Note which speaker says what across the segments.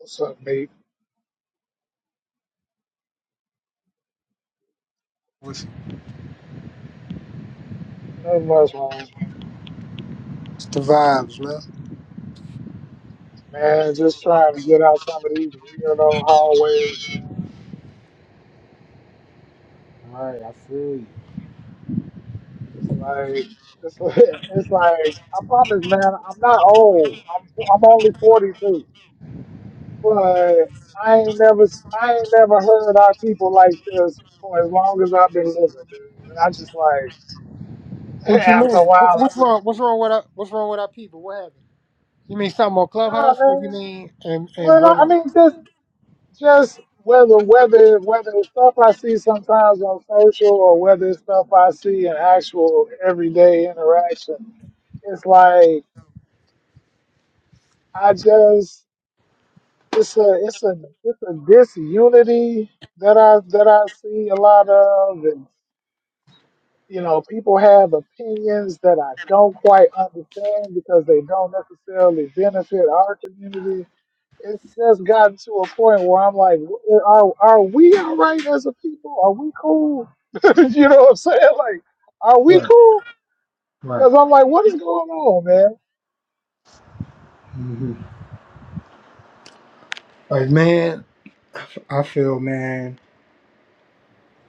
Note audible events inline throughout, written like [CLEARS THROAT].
Speaker 1: What's up, mate?
Speaker 2: It's
Speaker 1: Not much, man.
Speaker 2: the vibes, man.
Speaker 1: Man, just trying to get out some of these weirdo hallways. It's like, it's [LAUGHS] like, it's like I promise, man, I'm not old. I'm I'm only 42, but I ain't never I ain't never heard our people like this for as long as I've been living. Dude. And I just like [LAUGHS]
Speaker 2: What you
Speaker 1: after a
Speaker 2: mean?
Speaker 1: while,
Speaker 2: Wh-
Speaker 1: I
Speaker 2: What's
Speaker 1: just,
Speaker 2: wrong? What's wrong with our, What's wrong with our people? What happened? You mean something on
Speaker 1: nah,
Speaker 2: Clubhouse? What you
Speaker 1: man.
Speaker 2: mean in in
Speaker 1: Well, I
Speaker 2: real
Speaker 1: I
Speaker 2: life?
Speaker 1: mean, this just whether whether whether it's stuff I see sometimes on social or whether it's stuff I see in actual everyday interaction, it's like I just it's a it's a it's a disunity that I that I see a lot of and you know, people have opinions that I don't quite understand because they don't necessarily benefit our community it's just gotten to a point where I'm like, are are we all right as a people? Are we cool? [LAUGHS] you know what I'm saying? Like, are we cool? Because I'm like, what is going on, man?
Speaker 2: hmm Like man, I feel man.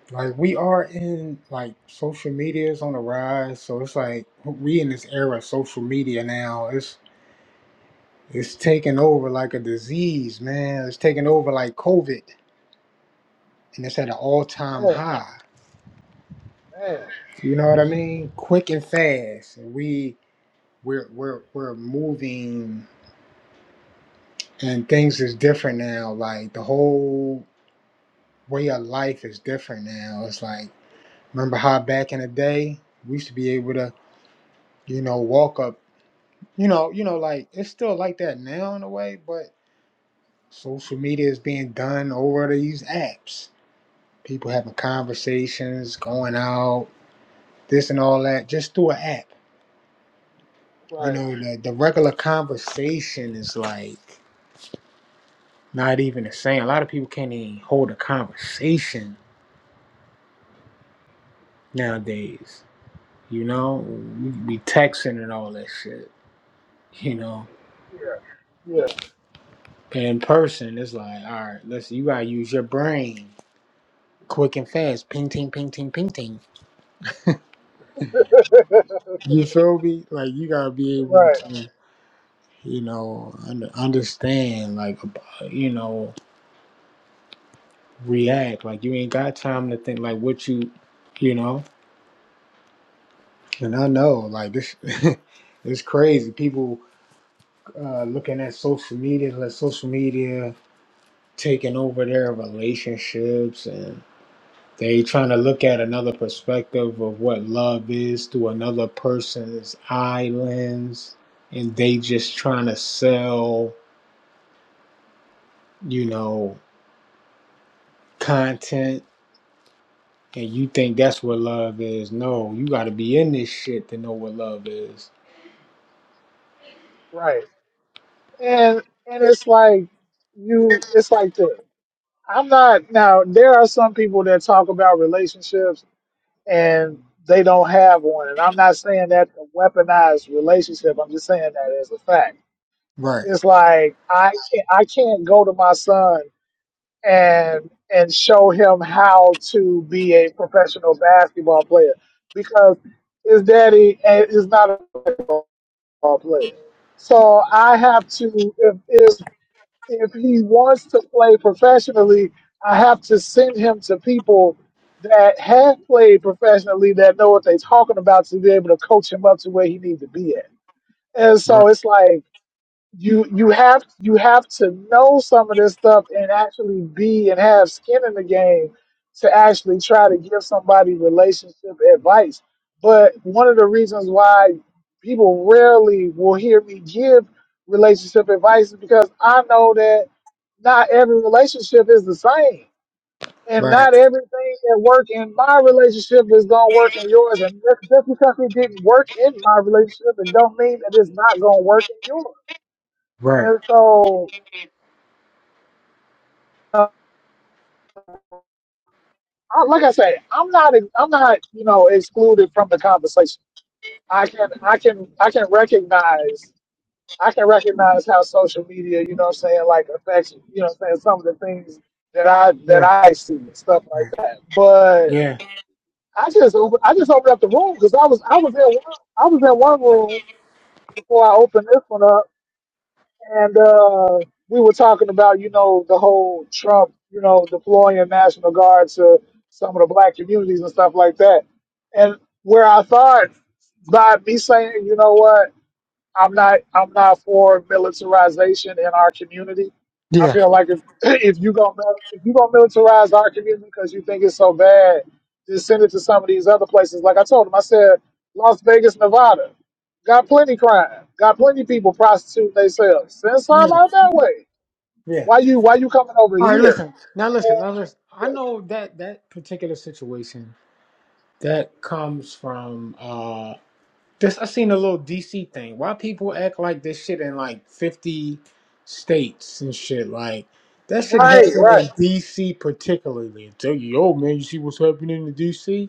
Speaker 2: Like we are in like social media is on the rise, so it's like we in this era of social media now. It's it's taking over like a disease, man. It's taking over like COVID, and it's at an all time
Speaker 1: Yeah,
Speaker 2: high.
Speaker 1: man,
Speaker 2: You know what I mean? Quick and fast, and we we're we're we're moving and things is different now like the whole way of life is different now it's like remember how back in the day we used to be able to you know walk up you know you know like it's still like that now in a way but social media is being done over these apps people having conversations going out this and all that just through an app you
Speaker 1: right,
Speaker 2: know the, the regular conversation is like Not even the same. A lot of people can't even hold a conversation nowadays. You know, we be texting and all that shit. You know,
Speaker 1: yeah, yeah,
Speaker 2: in person, it's like, all right, listen, you gotta use your brain quick and fast. Ping, ting, ping, ting, ping, ting. You feel me? Like, you gotta be
Speaker 1: [LAUGHS]
Speaker 2: able
Speaker 1: right,
Speaker 2: to, you know, un- understand, like, ab- you know, react. Like, you ain't got time to think, like, what you, you know. And I know, like, this, [LAUGHS] it's crazy. People uh, looking at social media, let social media taking over their relationships, and they trying to look at another perspective of what love is through another person's eye lens, and they just trying to sell, you know, content. And you think that's what love is? No, you got to be in this shit to know what love is.
Speaker 1: right, and and it's like you, it's like the I'm not now. There are some people that talk about relationships and they don't have one, and I'm not saying that to weaponize relationship. I'm just saying that as a fact
Speaker 2: Right,
Speaker 1: It's like I can't, I can't go to my son and and show him how to be a professional basketball player because his daddy eh, is not a basketball player. So I have to if if if he wants to play professionally, I have to send him to people that have played professionally that know what they're talking about to be able to coach him up to where he needs to be at. And so
Speaker 2: right,
Speaker 1: it's like you you have you have to know some of this stuff and actually be and have skin in the game to actually try to give somebody relationship advice. But one of the reasons why people rarely will hear me give relationship advice is because I know that not every relationship is the same. And
Speaker 2: right,
Speaker 1: not everything that worked in my relationship is gonna work in yours. And just just because it didn't work in my relationship, it don't mean that it's not gonna work in yours.
Speaker 2: right.
Speaker 1: And so, uh, I, like I say, I'm not, I'm not, you know, excluded from the conversation. I can, I can, I can recognize, I can recognize how social media, you know, what I'm saying, like affects, you know, what I'm saying some of the things that I that
Speaker 2: Yeah,
Speaker 1: I see and stuff like
Speaker 2: right.
Speaker 1: that. But
Speaker 2: Yeah,
Speaker 1: I just, open, I just opened up the room because I was, I was in one, I was in one room before I opened this one up. and uh, we were talking about, you know, the whole Trump, you know, deploying National Guard to some of the black communities and stuff like that. And where I thought by me saying, you know what? I'm not I'm not for militarization in our community. I
Speaker 2: yeah,
Speaker 1: feel like if [CLEARS THROAT] if you gonna mil- if you gonna militarize our community because you think it's so bad, just send it to some of these other places. Like I told him, I said Las Vegas, Nevada, got plenty crime, got plenty people prostituting themselves. Send some
Speaker 2: yeah,
Speaker 1: out that way.
Speaker 2: yeah.
Speaker 1: Why you why you coming over
Speaker 2: All right,
Speaker 1: here?
Speaker 2: listen. Now listen. Now listen. I know that that particular situation that comes from uh this I seen a little DC thing. Why people act like this shit in like 50 states and shit like that shit
Speaker 1: Right,
Speaker 2: happened
Speaker 1: right.
Speaker 2: in DC particularly. I tell you, yo man, you see what's happening in DC?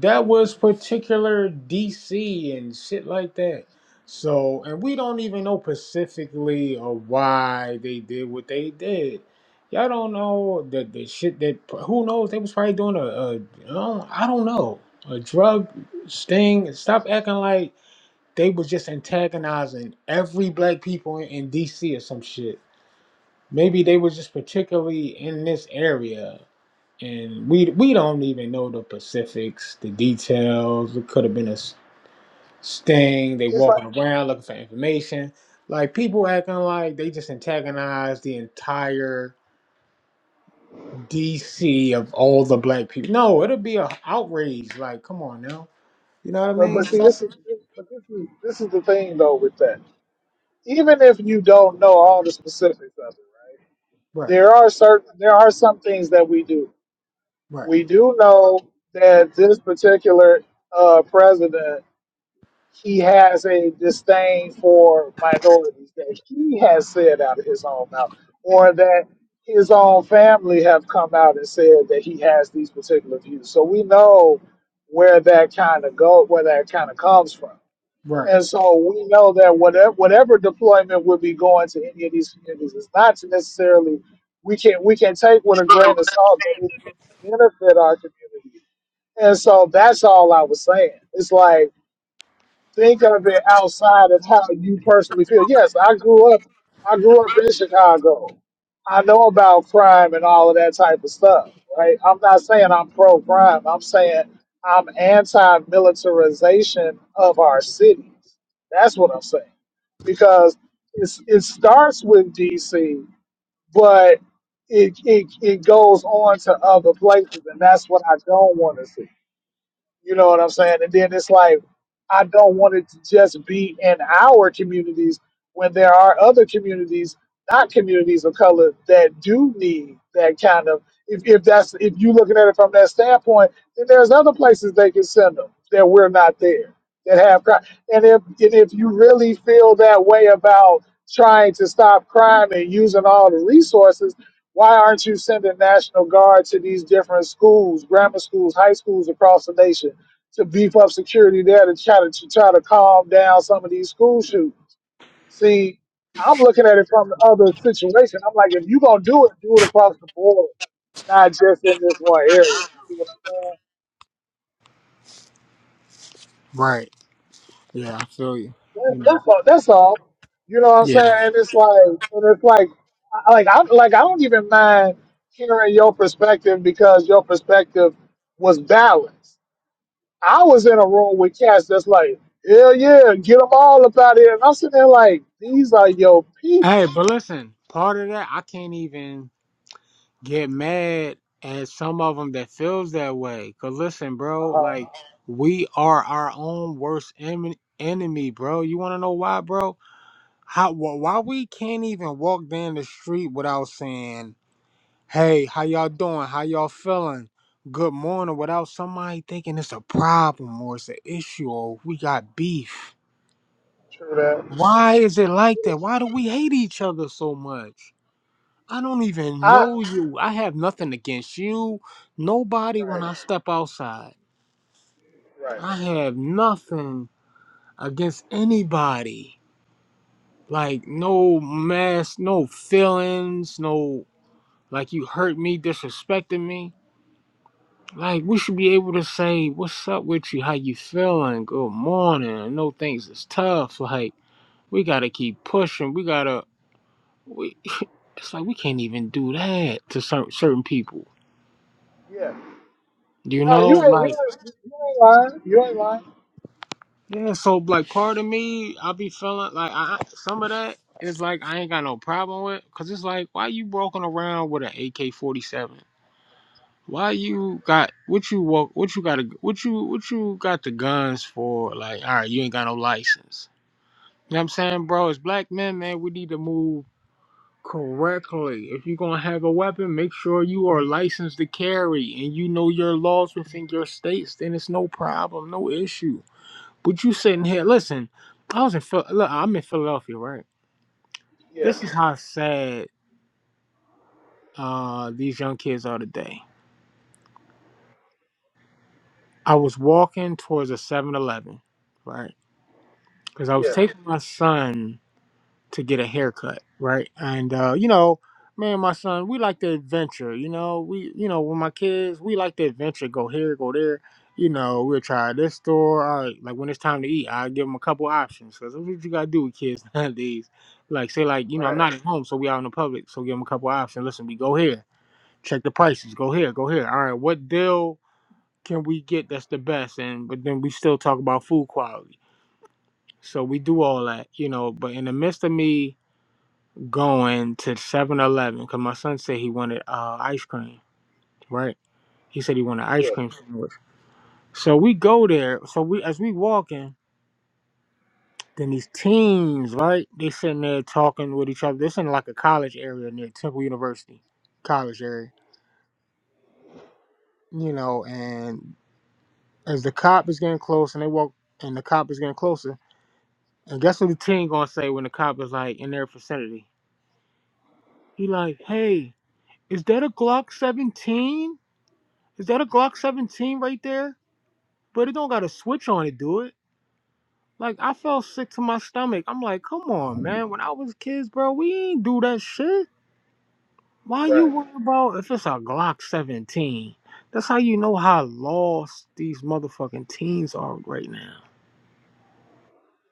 Speaker 2: that was particular DC and shit like that. So, and we don't even know specifically or why they did what they did. Y'all don't know the the shit that who knows they was probably doing a, a I don't I don't know a drug sting. Stop acting like they was just antagonizing every black people in, in DC or some shit. Maybe they was just particularly in this area and we we don't even know the specifics, the details. It could have been a s- sting. They
Speaker 1: It's like,
Speaker 2: walking around looking for information. Like people acting like they just antagonized the entire DC of all the black people. No, it'll be a outrage. Like, come on now, you know what I
Speaker 1: but
Speaker 2: mean?
Speaker 1: but see,
Speaker 2: Stop-
Speaker 1: this is but this is this is the thing though with that. Even if you don't know all the specifics of it, right?
Speaker 2: Right,
Speaker 1: there are certain there are some things that we do.
Speaker 2: right,
Speaker 1: We do know that this particular uh, president he has a disdain for minorities that he has said out of his own mouth, or that his own family have come out and said that he has these particular views. So we know where that kind of go where that kind of comes from.
Speaker 2: right,
Speaker 1: And so we know that whatever whatever deployment would be going to any of these communities is not to necessarily we can we can take with a grain of salt that it can benefit our community. And so that's all I was saying. It's like think of it outside of how you personally feel. Yes, I grew up. I grew up in Chicago. I know about crime and all of that type of stuff, right? I'm not saying I'm pro crime. I'm saying I'm anti militarization of our cities. That's what I'm saying because it's, it starts with DC, but it, it it goes on to other places, and that's what I don't want to see. You know what I'm saying? And then it's like, I don't want it to just be in our communities when there are other communities, not communities of color, that do need that kind of. If, if that's if you looking at it from that standpoint, then there's other places they can send them that we're not there that have crime. And if and if you really feel that way about trying to stop crime and using all the resources why aren't you sending National Guard to these different schools, grammar schools, high schools across the nation to beef up security there to try to, to try to calm down some of these school shootings? See, I'm looking at it from the other situation. I'm like, if you're gonna do it, do it across the board, not just in this one area. You see what I'm
Speaker 2: right. Yeah, I feel you.
Speaker 1: saying?
Speaker 2: You
Speaker 1: That's,
Speaker 2: know,
Speaker 1: that's all. That's all. You know what I'm
Speaker 2: yeah.
Speaker 1: saying? And it's like, and it's like, I- like I like I don't even mind hearing your perspective because your perspective was balanced. I was in a room with cats that's like, hell yeah, get them all up out of here. And I'm sitting there like, these are your
Speaker 2: Hey,
Speaker 1: people.
Speaker 2: but listen, part of that I can't even. get mad at some of them that feels that way. Cause listen,
Speaker 1: Uh,
Speaker 2: bro,
Speaker 1: huh.
Speaker 2: like we are our own worst em- enemy, bro. You want to know why, bro? How wh- why we can't even walk down the street without saying, "Hey, how y'all doing? How y'all feeling?" Good morning, without somebody thinking it's a problem or it's an issue or we got beef.
Speaker 1: true that.
Speaker 2: Why is it like that? Why do we hate each other so much? I don't even
Speaker 1: I
Speaker 2: know you. I have nothing against you. Nobody when
Speaker 1: right,
Speaker 2: I step outside.
Speaker 1: right,
Speaker 2: I have nothing against anybody. Like no mess, no feelings, no like you hurt me, disrespected me. Like we should be able to say, What's up with you? How you feeling? Good morning. I know things is tough. Like we gotta keep pushing. We gotta we [LAUGHS] it's like we can't even do that to certain certain people.
Speaker 1: yeah.
Speaker 2: You
Speaker 1: No,
Speaker 2: know,
Speaker 1: you ain't, you
Speaker 2: like
Speaker 1: ain't, you ain't lying. You ain't lying.
Speaker 2: Yeah, so like part of me, I be feeling like I some of that is like I ain't got no problem with, cause it's like why you walking around with an AK forty seven? Why you got what you walk? What you got? to What you what you got the guns for? Like all right, you ain't got no license. You know what I'm saying, bro? As black men, man, we need to move correctly. If you are gonna have a weapon, make sure you are licensed to carry and you know your laws within your states. Then it's no problem, no issue. But you sitting here,
Speaker 1: Absolutely.
Speaker 2: listen. I was in Phil- look, I'm in Philadelphia, right?
Speaker 1: Yeah,
Speaker 2: This is how sad uh, these young kids are today. I was walking towards a Seven Eleven, right? Because I was
Speaker 1: yeah,
Speaker 2: taking my son. to get a haircut, right? And uh, you know, me and my son, we like the adventure. You know, we you know with my kids, we like the adventure. Go here, go there. You know, we'll try this store. All right, like when it's time to eat, I give them a couple options because that's what you gotta do with kids [LAUGHS] nowadays. Like say like you know
Speaker 1: right,
Speaker 2: I'm not at home, so we out in the public, so give them a couple options. Listen, we go here, check the prices. Go here, go here. All right, what deal can we get that's the best? And but then we still talk about food quality. So we do all that, you know. But in the midst of me going to Seven Eleven because my son said he wanted uh, ice cream, right? He said he wanted
Speaker 1: yeah,
Speaker 2: ice cream sandwich. So we go there. So we as we walking, then these teens, right? They sitting there talking with each other. This in like a college area near Temple University, college area, you know. And as the cop is getting close, and they walk, and the cop is getting closer, and guess what the teen gonna say when the cop is like in their vicinity? He like, hey, is that a Glock 17? Is that a Glock 17 right there? but it don't got a switch on to do it. Like I felt sick to my stomach. I'm like, come on, man. When I was kids, bro, we ain't do that shit. Why you
Speaker 1: right,
Speaker 2: worry about if it's a Glock 17? That's how you know how lost these motherfucking teens are right now.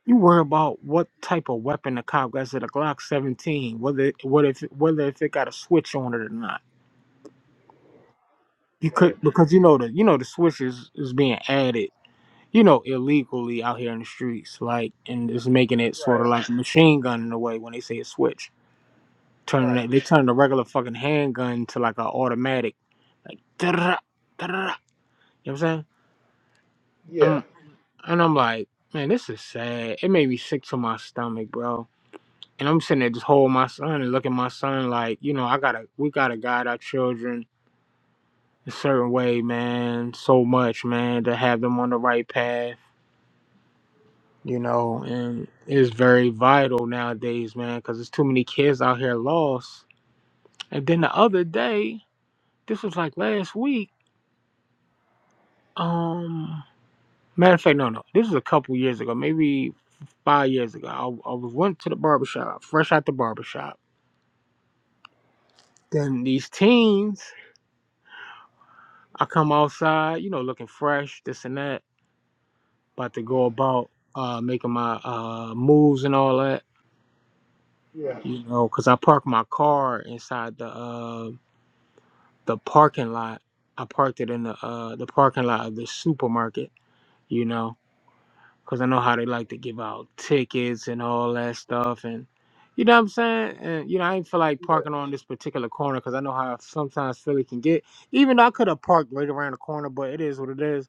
Speaker 2: You worry about what type of weapon the cop got. Is it a Glock 17? Whether it, what if whether if it got a switch on it or not? You could
Speaker 1: right,
Speaker 2: because you know the you know the switch is, is being added you know, illegally out here in the streets, like, and just making it sort of
Speaker 1: right,
Speaker 2: like a machine gun in a way when they say a switch. Turning
Speaker 1: right,
Speaker 2: it, they turn the regular fucking handgun to like an automatic, like, "Dra, dra," you know what I'm saying?
Speaker 1: yeah,
Speaker 2: I'm, and I'm like, man, this is sad. It made me sick to my stomach, bro. And I'm sitting there just holding my son and looking at my son like, you know, I gotta, we gotta guide our children a certain way, man, so much, man, to have them on the right path you know, and it's very vital nowadays, man, because there's too many kids out here lost. And then the other day, this was like last week. Um, matter of fact, no, no, this was a couple years ago, maybe five years ago. I, I was went to the barbershop, fresh out the barbershop. Then these teens, I come outside, you know, looking fresh, this and that, about to go about uh, making my uh, moves and all that,
Speaker 1: yeah.
Speaker 2: you know, because I parked my car inside the uh, the parking lot. I parked it in the uh the parking lot of the supermarket, you know, because I know how they like to give out tickets and all that stuff, and you know what I'm saying. And you know, I didn't feel like parking on this particular corner because I know how sometimes Philly can get. Even though I could have parked right around the corner, but it is what it is.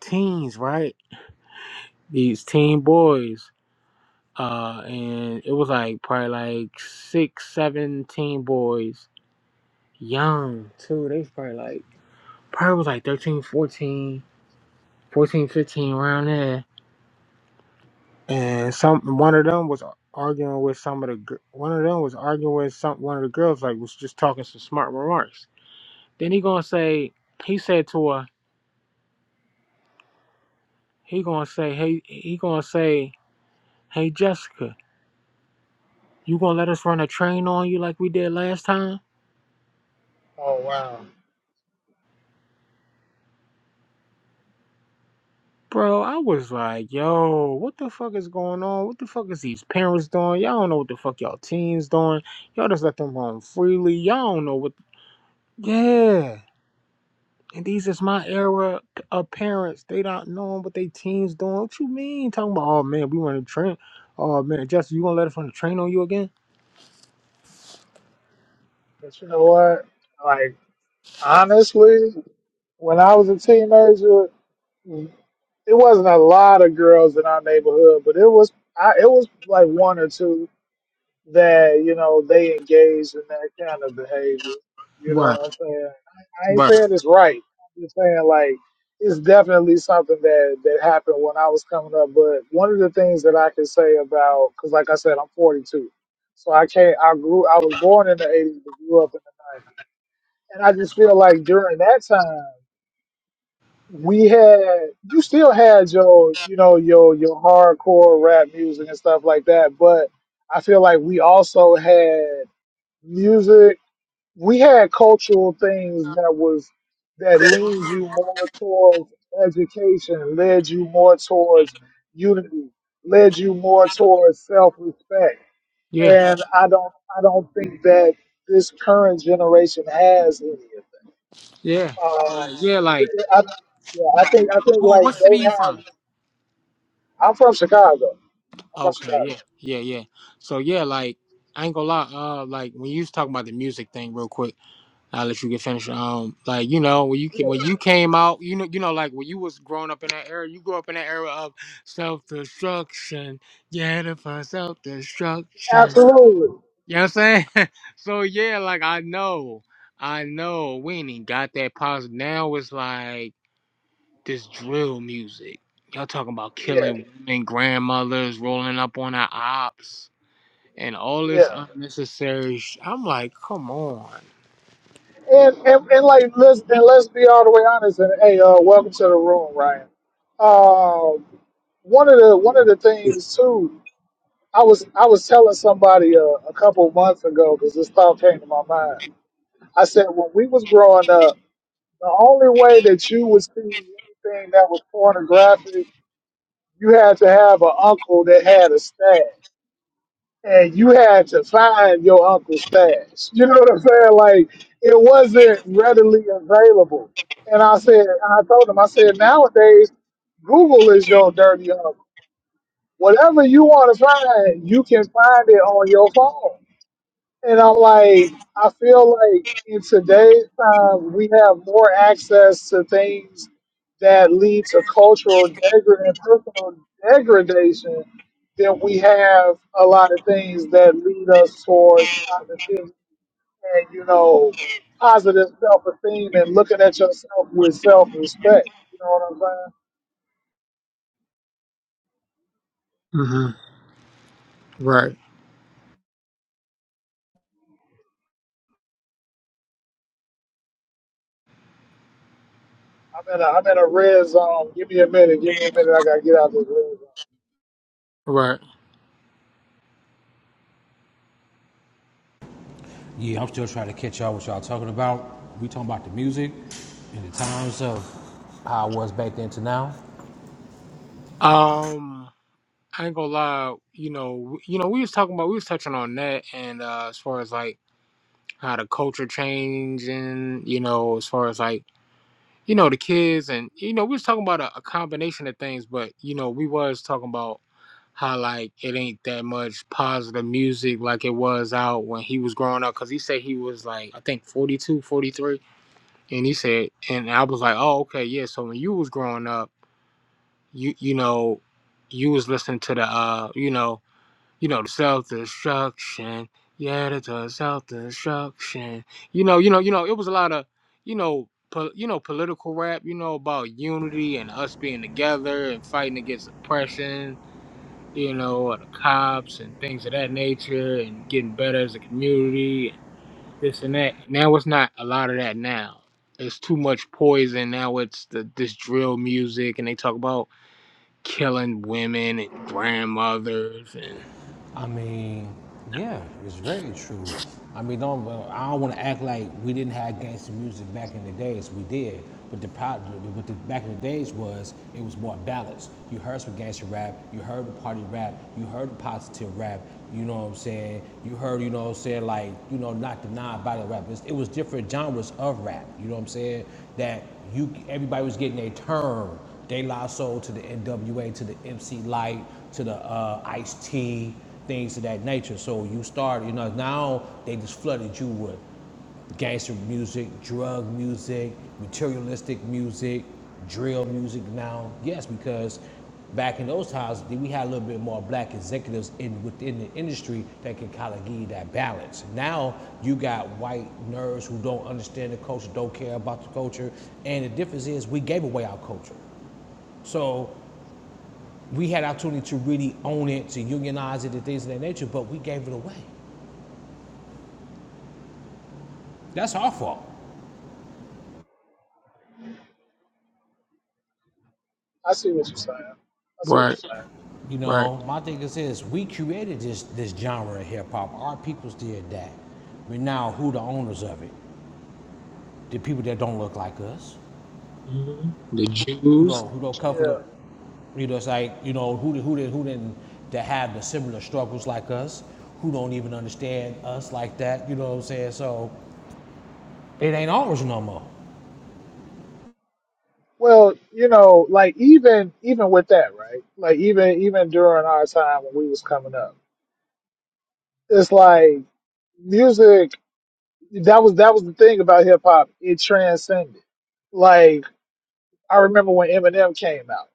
Speaker 2: Teens, right? These teen boys, uh, and it was like probably like six, seven teen boys, young too. They was probably like probably was like 13, 14. Fourteen, fifteen, 15 around there. And some one of them was arguing with some of the gir- one of them was arguing with some one of the girls like was just talking some smart remarks. Then he gonna say he said to her he gonna say hey he gonna say hey Jessica you gonna let us run a train on you like we did last time.
Speaker 1: Oh wow.
Speaker 2: Bro, I was like, yo, what the fuck is going on? What the fuck is these parents doing? Y'all don't know what the fuck y'all teens doing. Y'all just let them roam freely. Y'all don't know what. Yeah. And these is my era of parents. They not knowing what they teens doing. What you mean? Talking about, oh man, we want to train. Oh man, Justin, you gonna let us run the train on you again?
Speaker 1: But you know what? Like honestly, when I was a teenager. it wasn't a lot of girls in our neighborhood, but it was I, it was like one or two that you know they engaged in that kind of behavior. You
Speaker 2: Right,
Speaker 1: know what I'm saying? I, I ain't
Speaker 2: right.
Speaker 1: saying it's right. I'm just saying like it's definitely something that that happened when I was coming up. But one of the things that I can say about because like I said, I'm 42, so I can't. I grew. I was born in the 80s, but grew up in the 90s, and I just feel like during that time we had you still had your you know your your hardcore rap music and stuff like that but i feel like we also had music we had cultural things that was that leans you more towards education led you more towards unity led you more towards self-respect
Speaker 2: Yeah,
Speaker 1: and i don't i don't think that this current generation has any of that
Speaker 2: yeah,
Speaker 1: um,
Speaker 2: yeah. Like,
Speaker 1: I, yeah, I think I think
Speaker 2: well,
Speaker 1: like
Speaker 2: what city
Speaker 1: they
Speaker 2: you
Speaker 1: have
Speaker 2: from?
Speaker 1: I'm from Chicago. I'm from
Speaker 2: Okay,
Speaker 1: Chicago.
Speaker 2: yeah, yeah, yeah. So yeah, like, I ain't gonna lie. Uh, like when you was talking about the music thing, real quick. I'll let you get finished. Um, like you know when you ca-
Speaker 1: Yeah,
Speaker 2: when you came out, you know you know like when you was growing up in that era, you grew up in that era of self destruction. Yeah, the for self destruction.
Speaker 1: absolutely.
Speaker 2: You know what I'm saying? [LAUGHS] so yeah, like I know, I know we ain't even got that positive. Now it's like this drill music. Y'all talking about
Speaker 1: Yeah,
Speaker 2: killing women, grandmothers, rolling up on our ops, and all this
Speaker 1: yeah.
Speaker 2: unnecessary. Sh- I'm like, come on.
Speaker 1: And and, and like let's and let's be all the way honest. And hey, uh, welcome to the room, Ryan. Um, one of the one of the things too, I was I was telling somebody uh, a couple months ago because this thought came to my mind. I said when we was growing up, the only way that you would see anything that was pornographic, you had to have an uncle that had a stash. and you had to find your uncle's stash. You know what I'm saying? Like it wasn't readily available. And I said, I told him, I said, nowadays Google is your dirty uncle. Whatever you want to find, you can find it on your phone. And I'm like, I feel like in today's time, we have more access to things that lead to cultural degradation and personal degradation than we have a lot of things that lead us towards positivity and, you know, positive self esteem and looking at yourself with self respect. You know what I'm saying?
Speaker 2: hmm Right.
Speaker 1: I'm in a I'm in a red zone. Give me a minute. Give me a minute. I gotta get out of this red zone.
Speaker 2: Right.
Speaker 3: Yeah, I'm still trying to catch y'all what y'all talking about. We talking about the music and the times of how it was back then to now.
Speaker 2: Um, I ain't gonna lie. You know, w- you know, we was talking about we was touching on that, and uh, as far as like how the culture change, and you know, as far as like you know the kids, and you know, we was talking about a, a combination of things, but you know, we was talking about how like it ain't that much positive music like it was out when he was growing up because he said he was like i think 42, 43, and he said and i was like oh okay yeah so when you was growing up you you know you was listening to the uh you know you know, the self-destruction. Yeah, it's a self-destruction. You know, you know, you know, it was a lot of, you know, po- you know, political rap, you know, about unity and us being together and fighting against oppression, you know, or the cops and things of that nature and getting better as a community and this and that. Now it's not a lot of that now. It's too much poison. Now it's the this drill music and they talk about killing women and grandmothers and
Speaker 3: I mean, yeah, it's very true. I mean, don't well, I don't want to act like we didn't have gangster music back in the days. We did, but the problem with the back in the days was it was more balanced. You heard some gangster rap, you heard the party rap, you heard the positive rap. You know what I'm saying? You heard, you know what I'm saying, like you know, not the non-violent rap. It's- It was different genres of rap. You know what I'm saying? That you everybody was getting their turn. De La Soul to the NWA to the MC Light to the uh, Ice T things of that nature. So you start, you know, now they just flooded you with gangster music, drug music, materialistic music, drill music now. Yes, because back in those times, we had a little bit more black executives in within the industry that could kind of give you that balance. Now you got white nerds who don't understand the culture, don't care about the culture, and the difference is we gave away our culture. So we had opportunity to really own it, to unionize it, and things of that nature, but we gave it away. That's our fault.
Speaker 1: I see what you're saying. I see what you're
Speaker 2: right,
Speaker 1: saying.
Speaker 3: You
Speaker 2: right.
Speaker 3: know, my thing is this: we created this this genre of hip hop. Our peoples did that. But now, who the owners of it? The people that don't look like us,
Speaker 2: Mhm. The
Speaker 3: who
Speaker 2: Jews.
Speaker 3: don't who don't cover
Speaker 1: Yeah.
Speaker 3: the, you know, it's like you know who who did who didn't that have the similar struggles like us, who don't even understand us like that. You know what I'm saying? So it ain't ours no more.
Speaker 1: Well, you know, like even even with that, right? Like even even during our time when we was coming up, it's like music. That was that was the thing about hip hop. It transcended. Like I remember when Eminem came out.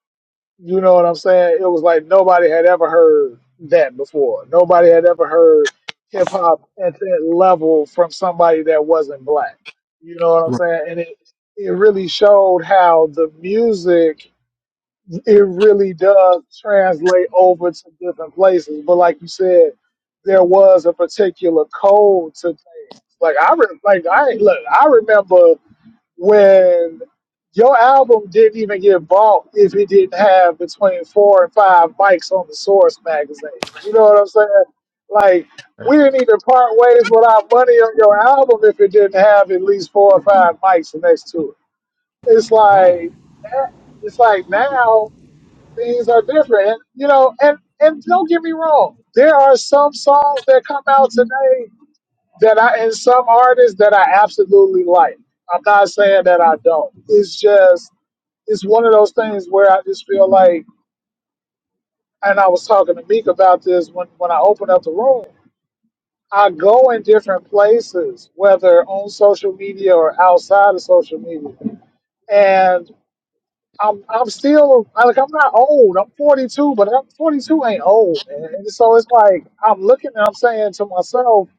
Speaker 1: You know what I'm saying? It was like nobody had ever heard that before. Nobody had ever heard hip hop at that level from somebody that wasn't black. You know what I'm saying? And it it really showed how the music it really does translate over to different places. But like you said, there was a particular code to like I re- like I look I remember when your album didn't even get bought if it didn't have between four and five mics on the Source magazine. You know what I'm saying? Like
Speaker 2: Right.
Speaker 1: we didn't even part ways with our money on your album if it didn't have at least four or five mics next to it. It's
Speaker 3: Right.
Speaker 1: like that, it's like now things are different. You know, and and don't get me wrong, there are some songs that come out today that I and some artists that I absolutely like. I'm not saying that I don't. It's just it's one of those things where I just feel like, and I was talking to Meek about this when when I opened up the room. I go in different places, whether on social media or outside of social media, and. I'm I'm still I- like I'm not old. I'm 42, but I'm 42 ain't old, man. And so it's like I'm looking and I'm saying to myself,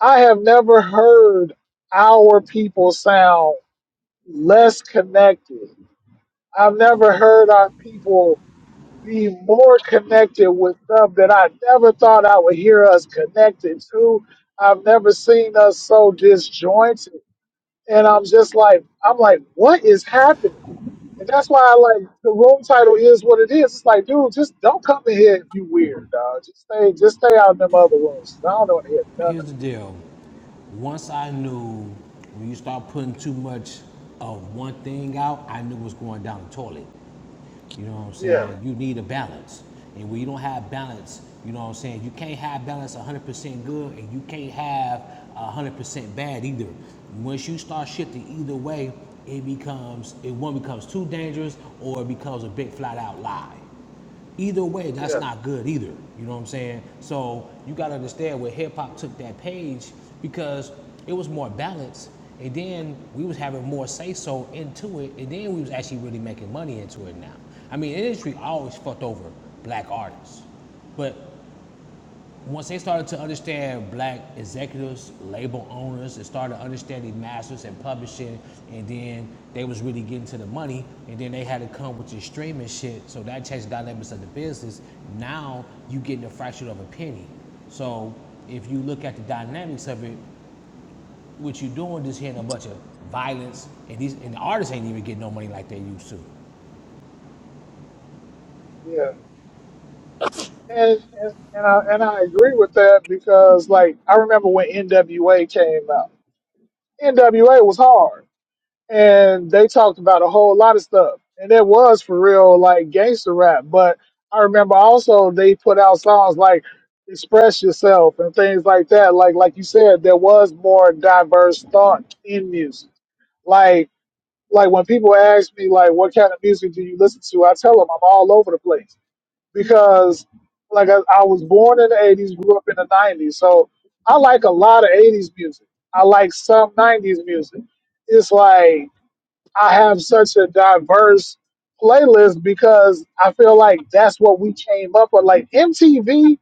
Speaker 1: I have never heard our people sound less connected. I've never heard our people be more connected with stuff that I never thought I would hear us connected to. I've never seen us so disjointed. and I'm just like, I'm like, what is happening? And that's why I like the room title is what it is. It's like, dude, just don't come in here if you weird, dog. Just stay, just stay out in them other rooms. I don't want to hear none of
Speaker 3: here's
Speaker 1: it.
Speaker 3: the deal. Once I knew when you start putting too much of one thing out, I knew it was going down the toilet. You know what I'm
Speaker 1: Yeah,
Speaker 3: saying? You need a balance. And when you don't have balance, you know what I'm saying? You can't have balance 100% good and you can't have 100% bad either. Once you start shifting either way, it becomes, it one becomes too dangerous or it becomes a big flat out lie either way, that's
Speaker 1: yeah.
Speaker 3: not good either. You know what I'm saying? So you gotta understand where hip hop took that page because it was more balanced. And then we was having more say so into it, and then we was actually really making money into it now. I mean, industry always fucked over black artists, but once they started to understand black executives, label owners, they started understanding masters and publishing, and then they was really getting to the money, and then they had to come with your streaming shit. So that changed the dynamics of the business. Now you getting a fraction of a penny. So if you look at the dynamics of it, what you're doing is hitting a bunch of violence, and these and the artists ain't even getting no money like they used to.
Speaker 1: yeah, and, and and I and I agree with that because like I remember when NWA came out, NWA was hard. and they talked about a whole lot of stuff. And it was for real like gangster rap. But I remember also they put out songs like Express Yourself and things like that. Like like you said, there was more diverse thought in music. Like like when people ask me like what kind of music do you listen to, I tell them I'm all over the place because like I, I was born in the 80s, grew up in the 90s. So I like a lot of 80s music. I like some 90s music. It's like I have such a diverse playlist because I feel like that's what we came up with. Like MTV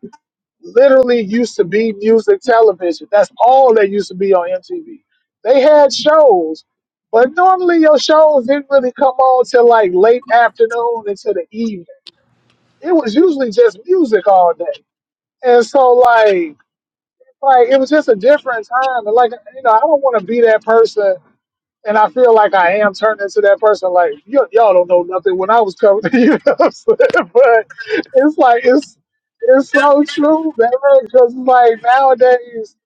Speaker 1: literally used to be music television. That's all that used to be on MTV. They had shows, but normally your shows didn't really come on till like late afternoon into the evening. It was usually just music all day. And so like like it was just a different time. And like, you know, I don't want to be that person and I feel like I am turning into that person. Like y- y'all don't know nothing when I was coming [LAUGHS] you. know what I'm saying? But it's like it's it's so true, man. Because like nowadays,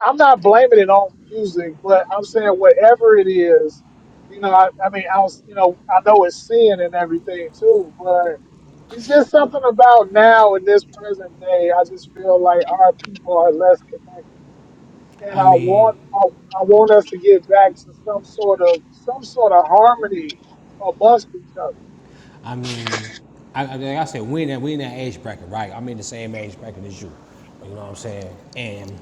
Speaker 1: I'm not blaming it on music, but I'm saying whatever it is, you know. I, I mean, I was, you know, I know it's sin and everything too, but it's just something about now in this present day. I just feel like our people are less connected and
Speaker 3: I
Speaker 1: I
Speaker 3: mean,
Speaker 1: want I, I want us to get back to some sort of some sort of harmony amongst each other.
Speaker 3: I mean, I, like I said, we in that we in that age bracket, right? I'm in the same age bracket as you. You know what I'm saying? And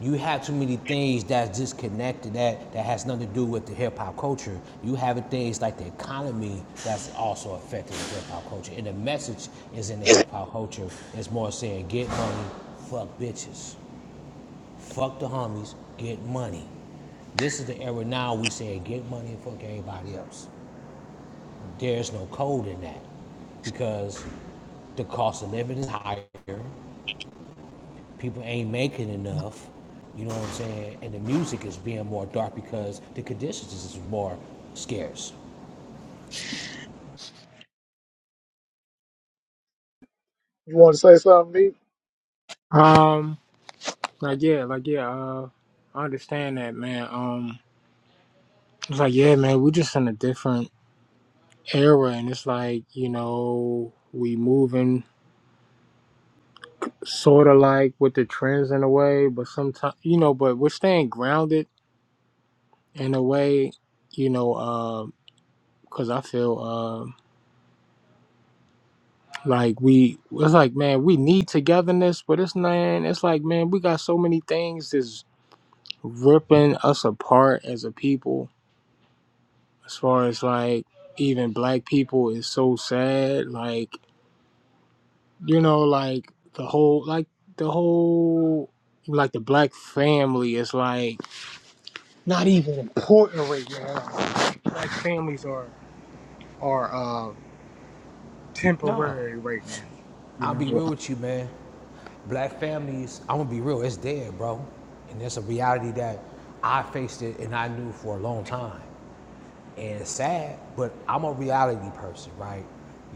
Speaker 3: you have too many things that's disconnected that that has nothing to do with the hip hop culture. You have things like the economy that's also affecting the hip hop culture. And the message is in the hip hop culture. It's more saying get money, fuck bitches, fuck the homies, get money. This is the era now we say get money and fuck everybody else. there is no code in that because the cost of living is higher. People ain't making enough. You know what I'm saying? And the music is being more dark because the conditions is more scarce.
Speaker 1: You want to say something, Meek?
Speaker 2: Um, like yeah, like yeah, uh I understand that man. Um it's like yeah, man, we are just in a different era and it's like, you know, we moving sorta like with the trends in a way, but sometimes you know, but we're staying grounded in a way, you know, uh 'cause cause I feel uh like we it's like man, we need togetherness, but it's man, it's like man, we got so many things that's ripping us apart as a people as far as like even black people is so sad like you know like the whole like the whole like the black family is like not even important right now black families are are um
Speaker 3: No,
Speaker 2: temporary right now you
Speaker 3: I'll
Speaker 2: know
Speaker 3: be real with you, man. Black families, I'm gonna be real, it's dead, bro. And it's a reality that I faced it and I knew for a long time. And it's sad, but I'm a reality person, right?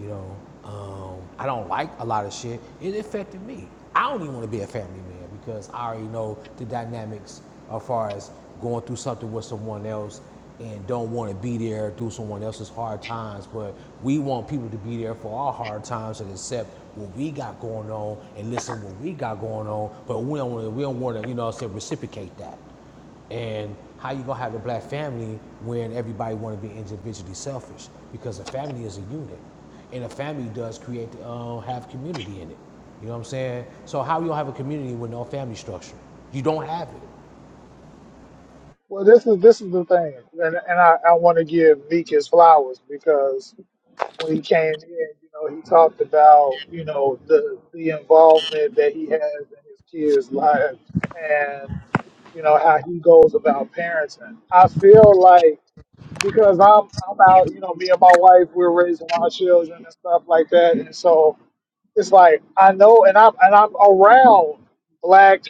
Speaker 3: You know, um, I don't like a lot of shit. It affected me. I don't even wanna be a family man that because I already know the dynamics as far as going through something with someone else and don't want to be there through someone else's hard times. But we want people to be there for our hard times and accept what we got going on and listen what we got going on. But we don't want to, we don't want to, you know, say reciprocate that. And how you gonna have a black family when everybody want to be individually selfish? Because a family is a unit, and a family does create uh, have community in it. You know what I'm saying? So how you gonna have a community with no family structure? You don't have
Speaker 1: Well, this is this is the thing, and and I, I want to give Meek his flowers because when he came in, you know, he talked about you know the the involvement that he has in his kids' lives and you know how he goes about parenting. I feel like because I'm I'm out, you know, me and my wife, we're raising our children and stuff like that, and so it's like I know, and I'm and I'm around black,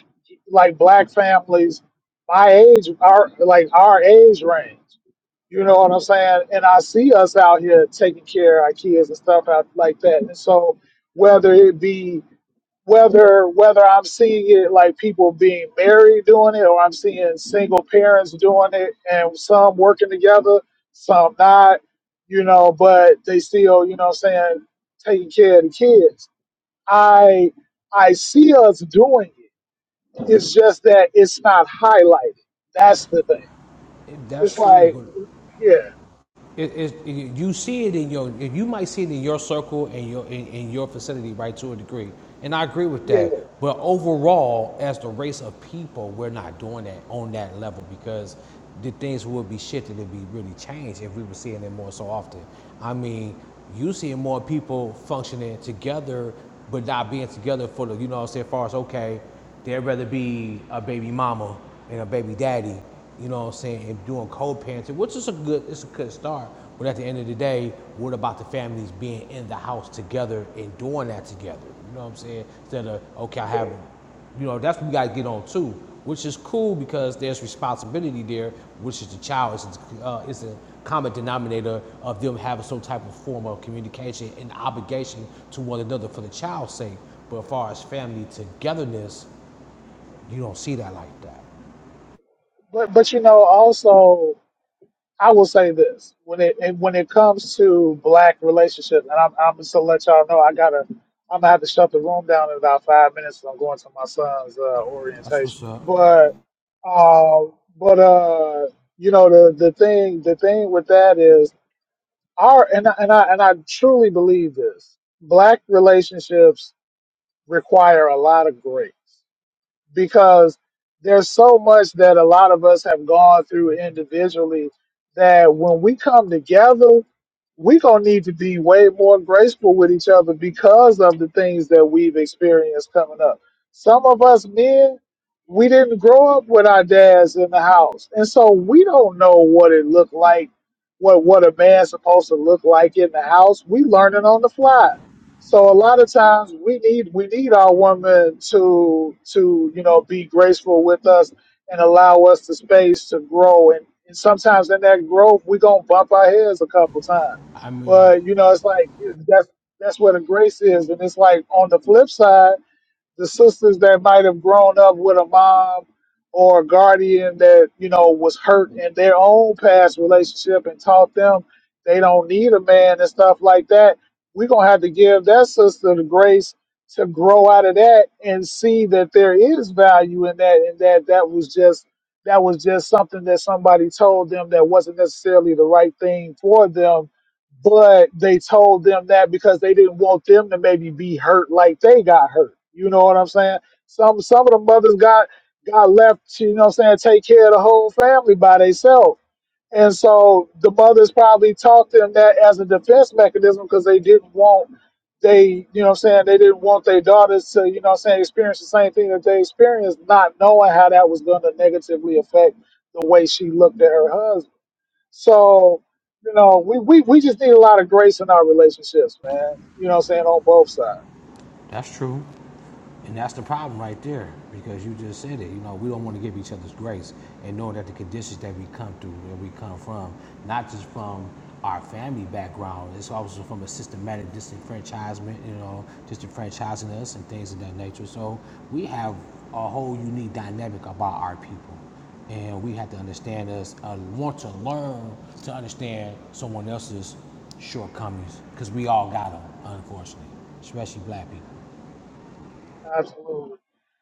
Speaker 1: like black families, my age, our like our age range. You know what I'm saying? And I see us out here taking care of our kids and stuff out like that. And so whether it be whether whether I'm seeing it like people being married doing it, or I'm seeing single parents doing it, and some working together, some not. You know, but they still, you know, what I'm saying taking care of the kids I I see us doing it. It's just that it's not highlighted. That's the thing.
Speaker 3: it. That's
Speaker 1: It's
Speaker 3: true,
Speaker 1: like,
Speaker 3: but.
Speaker 1: yeah,
Speaker 3: It, it, you see it in your, you might see it in your circle and your in, in your vicinity, right, to a degree, and I agree with
Speaker 1: yeah,
Speaker 3: that. But overall, as the race of people, we're not doing that on that level because the things would be shifted and be really changed if we were seeing it more so often. I mean, you seeing more people functioning together, but not being together for the, you know, what I'm saying, as far as okay, They'd rather be a baby mama and a baby daddy, you know what I'm saying, and doing co-parenting, which is a good, it's a good start. But at the end of the day, what about the families being in the house together and doing that together? You know what I'm saying? Instead of, okay, I
Speaker 1: yeah.
Speaker 3: have, you know, that's what we got to get on too, which is cool because there's responsibility there, which is the child. It's, a, uh, it's a common denominator of them having some type of form of communication and obligation to one another for the child's sake. But as far as family togetherness, you don't see that like that.
Speaker 1: But but you know, also I will say this when it and when it comes to black relationships, and I'm I'm just to let y'all know I gotta I'm gonna have to shut the room down in about five minutes. I'm going to my son's uh,
Speaker 3: That's
Speaker 1: orientation.
Speaker 3: what's up.
Speaker 1: But um, but uh, you know the the thing the thing with that is. our and I, and I and I truly believe this. Black relationships require a lot of grace because there's so much that a lot of us have gone through individually that when we come together we gonna need to be way more graceful with each other because of the things that we've experienced coming up. Some of us men, we didn't grow up with our dads in the house, and so we don't know what it looked like, what what a man's supposed to look like in the house. We learning on the fly. So a lot of times we need we need our woman to to you know be graceful with us and allow us the space to grow and, and sometimes in that growth we're gonna bump our heads a couple times
Speaker 3: I mean,
Speaker 1: but you know, it's like it- that's that's where the grace is, and it's like on the flip side, the sisters that might have grown up with a mom or a guardian that you know was hurt in their own past relationship and taught them they don't need a man and stuff like that. We're gonna have to give that sister the grace to grow out of that and see that there is value in that, and that that was just that was just something that somebody told them that wasn't necessarily the right thing for them but they told them that because they didn't want them to maybe be hurt like they got hurt. You know what I'm saying? Some some of the mothers got got left, to, you know what I'm saying, take care of the whole family by themselves. And so the mothers probably taught them that as a defense mechanism because they didn't want they, you know what I'm saying, they didn't want their daughters to, you know what I'm saying, experience the same thing that they experienced, not knowing how that was gonna negatively affect the way she looked at her husband. So, you know, we, we, we just need a lot of grace in our relationships, man. You know what I'm saying? On both sides.
Speaker 3: that's true. And that's the problem right there, because you just said it. You know, we don't want to give each other's grace, and knowing that the conditions that we come through, where we come from, not just from our family background, it's also from a systematic disenfranchisement. You know, disenfranchising us and things of that nature. So we have a whole unique dynamic about our people, and we have to understand us, uh, want to learn to understand someone else's shortcomings, because we all got them, unfortunately, especially black people.
Speaker 1: Absolutely.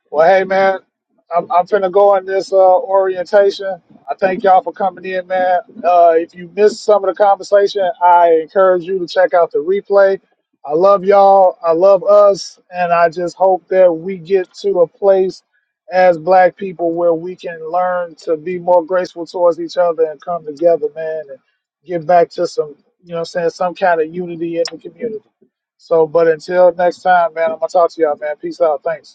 Speaker 1: Well, hey, man, I'm, I'm finna go on this uh, orientation. I thank y'all for coming in, man. Uh, if you missed some of the conversation, I encourage you to check out the replay. I love y'all. I love us. And I just hope that we get to a place as black people where we can learn to be more graceful towards each other and come together, man, and get back to some, you know what I'm saying, some kind of unity in the community. So, but until next time, man, I'm going to talk to y'all, man. Peace out. Thanks.